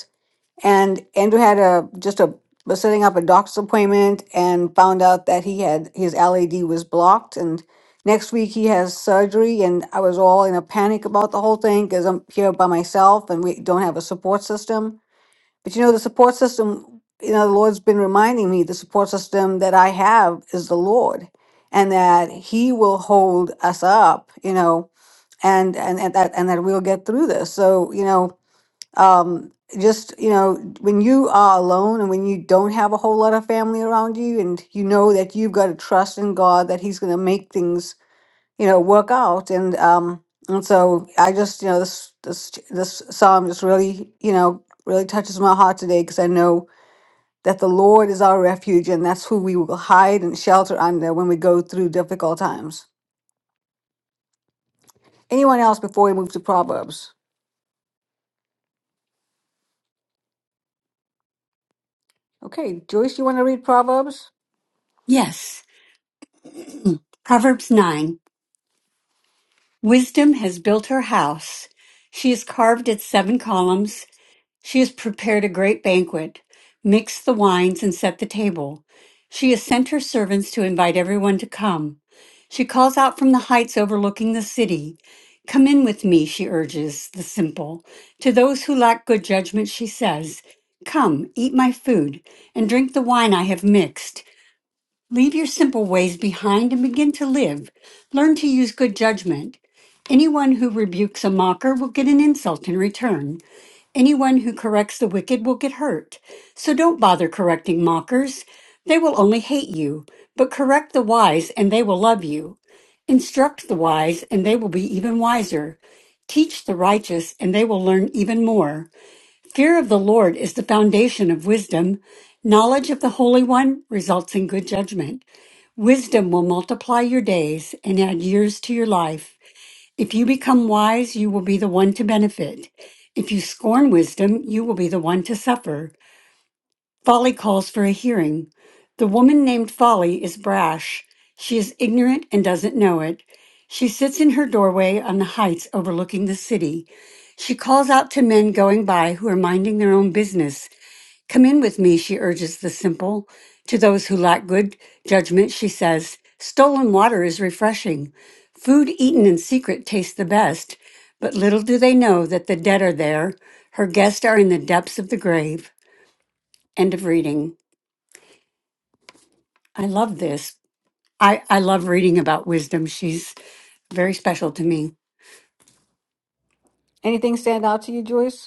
B: and Andrew had a just a was setting up a doctor's appointment and found out that he had his LAD was blocked and next week he has surgery and I was all in a panic about the whole thing because I'm here by myself and we don't have a support system. But you know the support system, you know the Lord's been reminding me the support system that I have is the Lord and that he will hold us up, you know, and and, and that and that we'll get through this. So, you know, um, just you know when you are alone and when you don't have a whole lot of family around you and you know that you've got to trust in god that he's going to make things you know work out and um and so i just you know this this this psalm just really you know really touches my heart today because i know that the lord is our refuge and that's who we will hide and shelter under when we go through difficult times anyone else before we move to proverbs okay joyce you want to read proverbs
G: Yes. Proverbs 9 Wisdom has built her house. She has carved its seven columns. She has prepared a great banquet, mixed the wines, and set the table. She has sent her servants to invite everyone to come. She calls out from the heights overlooking the city. Come in with me, she urges the simple. To those who lack good judgment, she says, Come, eat my food, and drink the wine I have mixed. Leave your simple ways behind and begin to live. Learn to use good judgment. Anyone who rebukes a mocker will get an insult in return. Anyone who corrects the wicked will get hurt. So don't bother correcting mockers. They will only hate you. But correct the wise, and they will love you. Instruct the wise, and they will be even wiser. Teach the righteous, and they will learn even more. Fear of the Lord is the foundation of wisdom. Knowledge of the Holy One results in good judgment. Wisdom will multiply your days and add years to your life. If you become wise, you will be the one to benefit. If you scorn wisdom, you will be the one to suffer. Folly calls for a hearing. The woman named Folly is brash. She is ignorant and doesn't know it. She sits in her doorway on the heights overlooking the city. She calls out to men going by who are minding their own business Come in with me, she urges the simple. To those who lack good judgment, she says, Stolen water is refreshing. Food eaten in secret tastes the best, but little do they know that the dead are there. Her guests are in the depths of the grave. End of reading. I love this. I, I love reading about wisdom. She's very special to me.
B: anything stand out to you joyce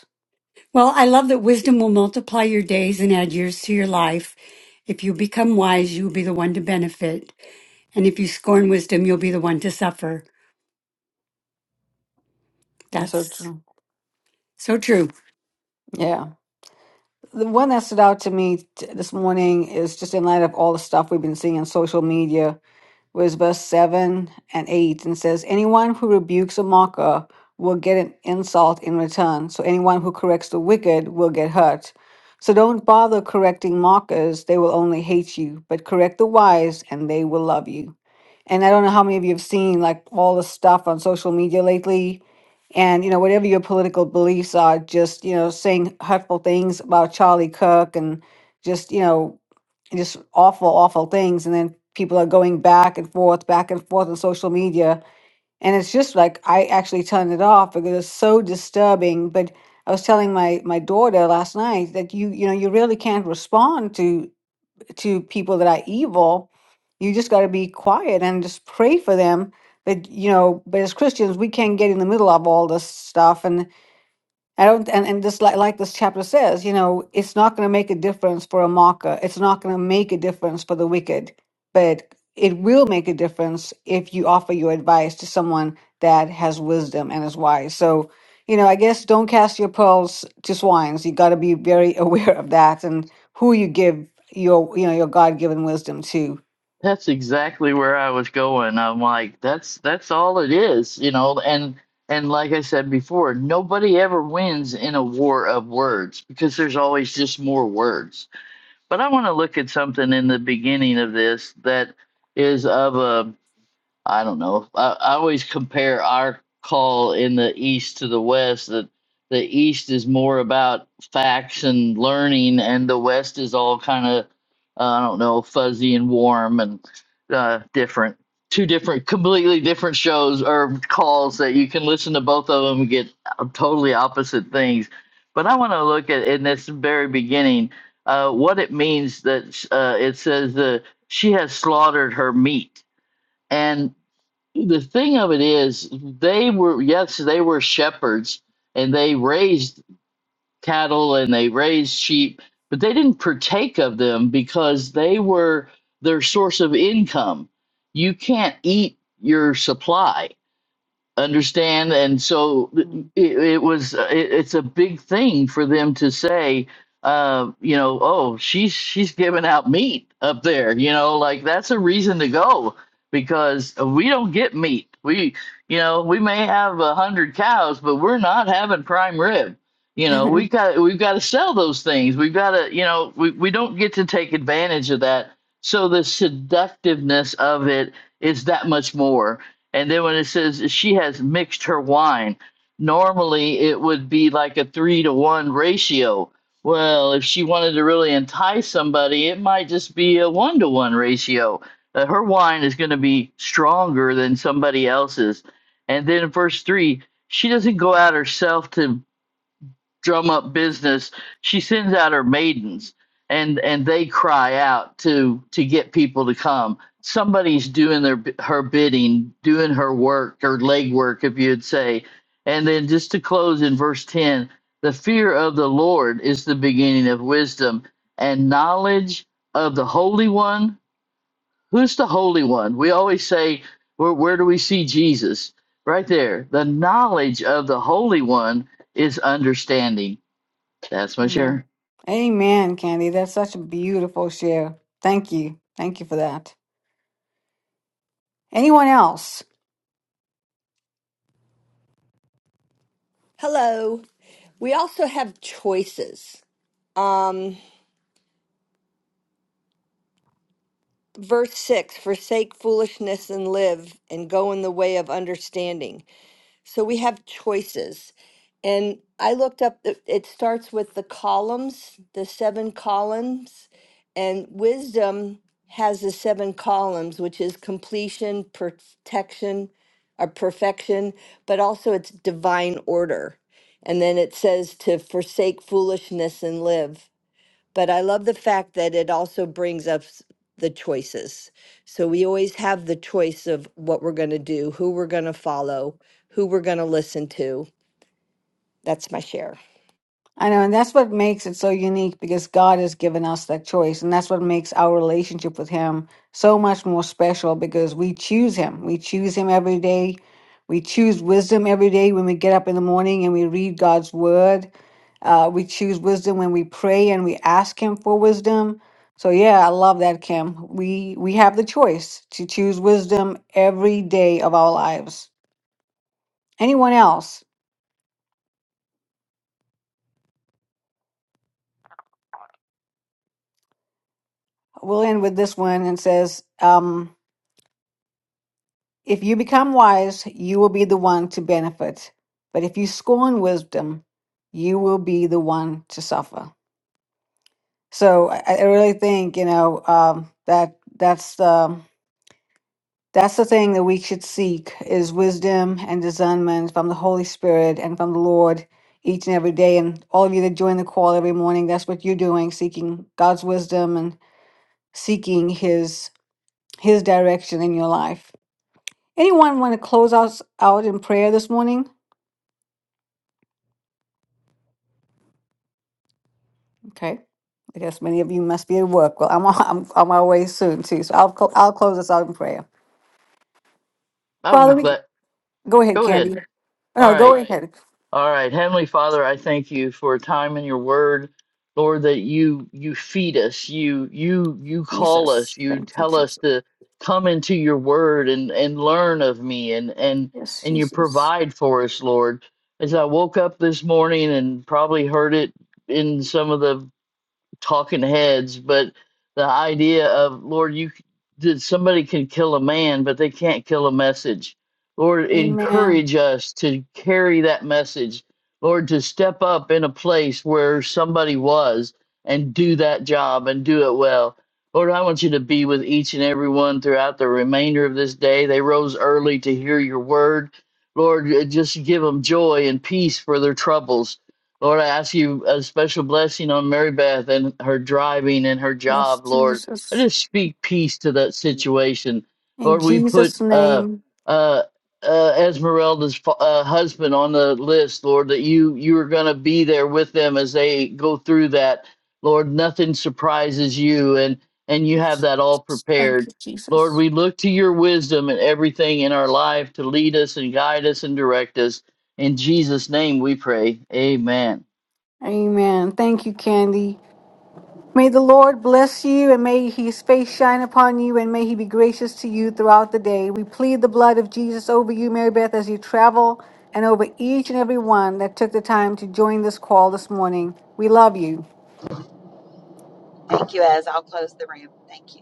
G: Well, I love that wisdom will multiply your days and add years to your life. If you become wise, you will be the one to benefit. And if you scorn wisdom, you'll be the one to suffer.
B: That's So
G: That's
B: true.
G: so true.
B: Yeah. The one that stood out to me t- this morning is just in light of all the stuff we've been seeing on social media, was verse 7 and 8, and says, Anyone who rebukes a mocker will get an insult in return. So anyone who corrects the wicked will get hurt. So don't bother correcting mockers, they will only hate you, but correct the wise, and they will love you. And I don't know how many of you have seen like all the stuff on social media lately. And, you know, whatever your political beliefs are, just, you know, saying hurtful things about Charlie Kirk and just, you know, just awful, awful things. And then people are going back and forth, back and forth on social media. And it's just like I actually turned it off because it's so disturbing. But I was telling my my daughter last night that you, you know, you really can't respond to to people that are evil you just got to be quiet and just pray for them but you know but as christians we can't get in the middle of all this stuff and I don't, and, and this, like, like this chapter says, you know, it's not going to make a difference for a mocker. It's not going to make a difference for the wicked, but it will make a difference if you offer your advice to someone that has wisdom and is wise. So, you know, I guess don't cast your pearls to swines. You got to be very aware of that and who you give your, you know, your God given wisdom to.
C: That's exactly where I was going. I'm like, that's that's all it is, you know. And and like I said before, nobody ever wins in a war of words because there's always just more words But I want to look at something in the beginning of this that is of a I don't know. I, I always compare our call in the East to the West that the East is more about facts and learning, and the West is all kind of, uh, I don't know, fuzzy and warm and uh, different. Two different, completely different shows or calls that you can listen to both of them and get totally opposite things. But I want to look at in this very beginning uh, what it means that uh, it says that she has slaughtered her meat. And the thing of it is they were yes they were shepherds and they raised cattle and they raised sheep but they didn't partake of them because they were their source of income you can't eat your supply understand and so
B: Mm.
C: it, it was it, it's a big thing for them to say uh you know oh she's she's giving out meat up there you know like that's a reason to go because we don't get meat we you know we may have a hundred cows but we're not having prime rib you know we got we've got to sell those things we've got to you know we, we don't get to take advantage of that so the seductiveness of it is that much more and then when it says she has mixed her wine, normally it would be like a three to one ratio. Well, if she wanted to really entice somebody, it might just be a one to one ratio. Uh, her wine is going to be stronger than somebody else's. And then in verse three, she doesn't go out herself to drum up business she sends out her maidens and and they cry out to to get people to come somebody's doing their her bidding doing her work her legwork if you'd say and then just to close in verse 10 the fear of the lord is the beginning of wisdom and knowledge of the holy one who's the holy one we always say where, where do we see jesus right there the knowledge of the holy one is understanding that's my
B: Amen.
C: share.
B: Amen, Candy. That's such a beautiful share. Thank you. Thank you for that. Anyone else?
D: Hello. We also have choices. Um, verse 6 Forsake foolishness and live, and go in the way of understanding. So we have choices. And I looked up, the- it starts with the columns, the seven columns. And wisdom has the seven columns, which is completion, protection, or perfection, but also it's divine order. And then it says to forsake foolishness and live but I love the fact that it also brings up s- the choices. So we always have the choice of what we're going to do, who we're going to follow, who we're going to listen to. That's my share.
B: I know, and that's what makes it so unique because God has given us that choice, and that's what makes our relationship with Him so much more special because we choose Him. We choose Him every day. We choose wisdom every day when we get up in the morning and we read God's Word. Uh, we choose wisdom when we pray and we ask Him for wisdom. So yeah, I love that, Kim. We we have the choice to choose wisdom every day of our lives. Anyone else? We'll end with this one and says. Um, If you become wise, you will be the one to benefit. But if you scorn wisdom, you will be the one to suffer. So I, I really think you know um, that that's the that's the thing that we should seek is wisdom and discernment from the Holy Spirit and from the Lord each and every day. And all of you that join the call every morning, that's what you're doing, seeking God's wisdom and seeking His His direction in your life. Anyone want to close us out in prayer this morning? Okay. I guess many of you must be at work. Well, I'm on, I'm on my way soon too, so I'll cl- I'll close this out in prayer.
C: I'll
B: Father,
C: be
B: we
C: glad.
B: go ahead,
C: Go ahead.
B: Candy.
C: All
B: No, go
C: right.
B: ahead,
C: All right. Heavenly Father, I thank you for time in your word. Lord, that you you feed us, you you you call
B: Jesus.
C: us, you
B: Thank you,
C: tell us
B: Jesus.
C: to come into your word and and learn of me and and
B: Yes,
C: and you
B: Jesus.
C: provide for us, Lord. As I woke up this morning and probably heard it in some of the talking heads, but the idea of Lord, you that somebody can kill a man, but they can't kill a message. Lord,
B: Amen.
C: encourage us to carry that message. Lord, to step up in a place where somebody was and do that job and do it well. Lord, I want you to be with each and every one throughout the remainder of this day. They rose early to hear your word. Lord, just give them joy and peace for their troubles. Lord, I ask you a special blessing on Mary Beth and her driving and her
B: Yes,
C: job, Lord. I
B: Jesus.
C: just speak peace to that situation.
B: In
C: Lord, we put
B: Jesus'
C: uh,
B: name.
C: uh, uh, Esmeralda's fa- uh, husband on the list, Lord, that you, you are going to be there with them as they go through that. Lord, nothing surprises you, and, and you have
B: Yes,
C: that all
B: Jesus. Thank
C: prepared.
B: you,
C: Lord,
B: Jesus.
C: we look to your wisdom and everything in our life to lead us and guide us and direct us. In Jesus' name we pray. Amen.
B: Amen. Thank you, Candy. May the Lord bless you, and may his face shine upon you, and may he be gracious to you throughout the day. We plead the blood of Jesus over you, Mary Beth, as you travel, and over each and every one that took the time to join this call this morning. We love you.
A: Thank you, Ez. I'll close the room. Thank you.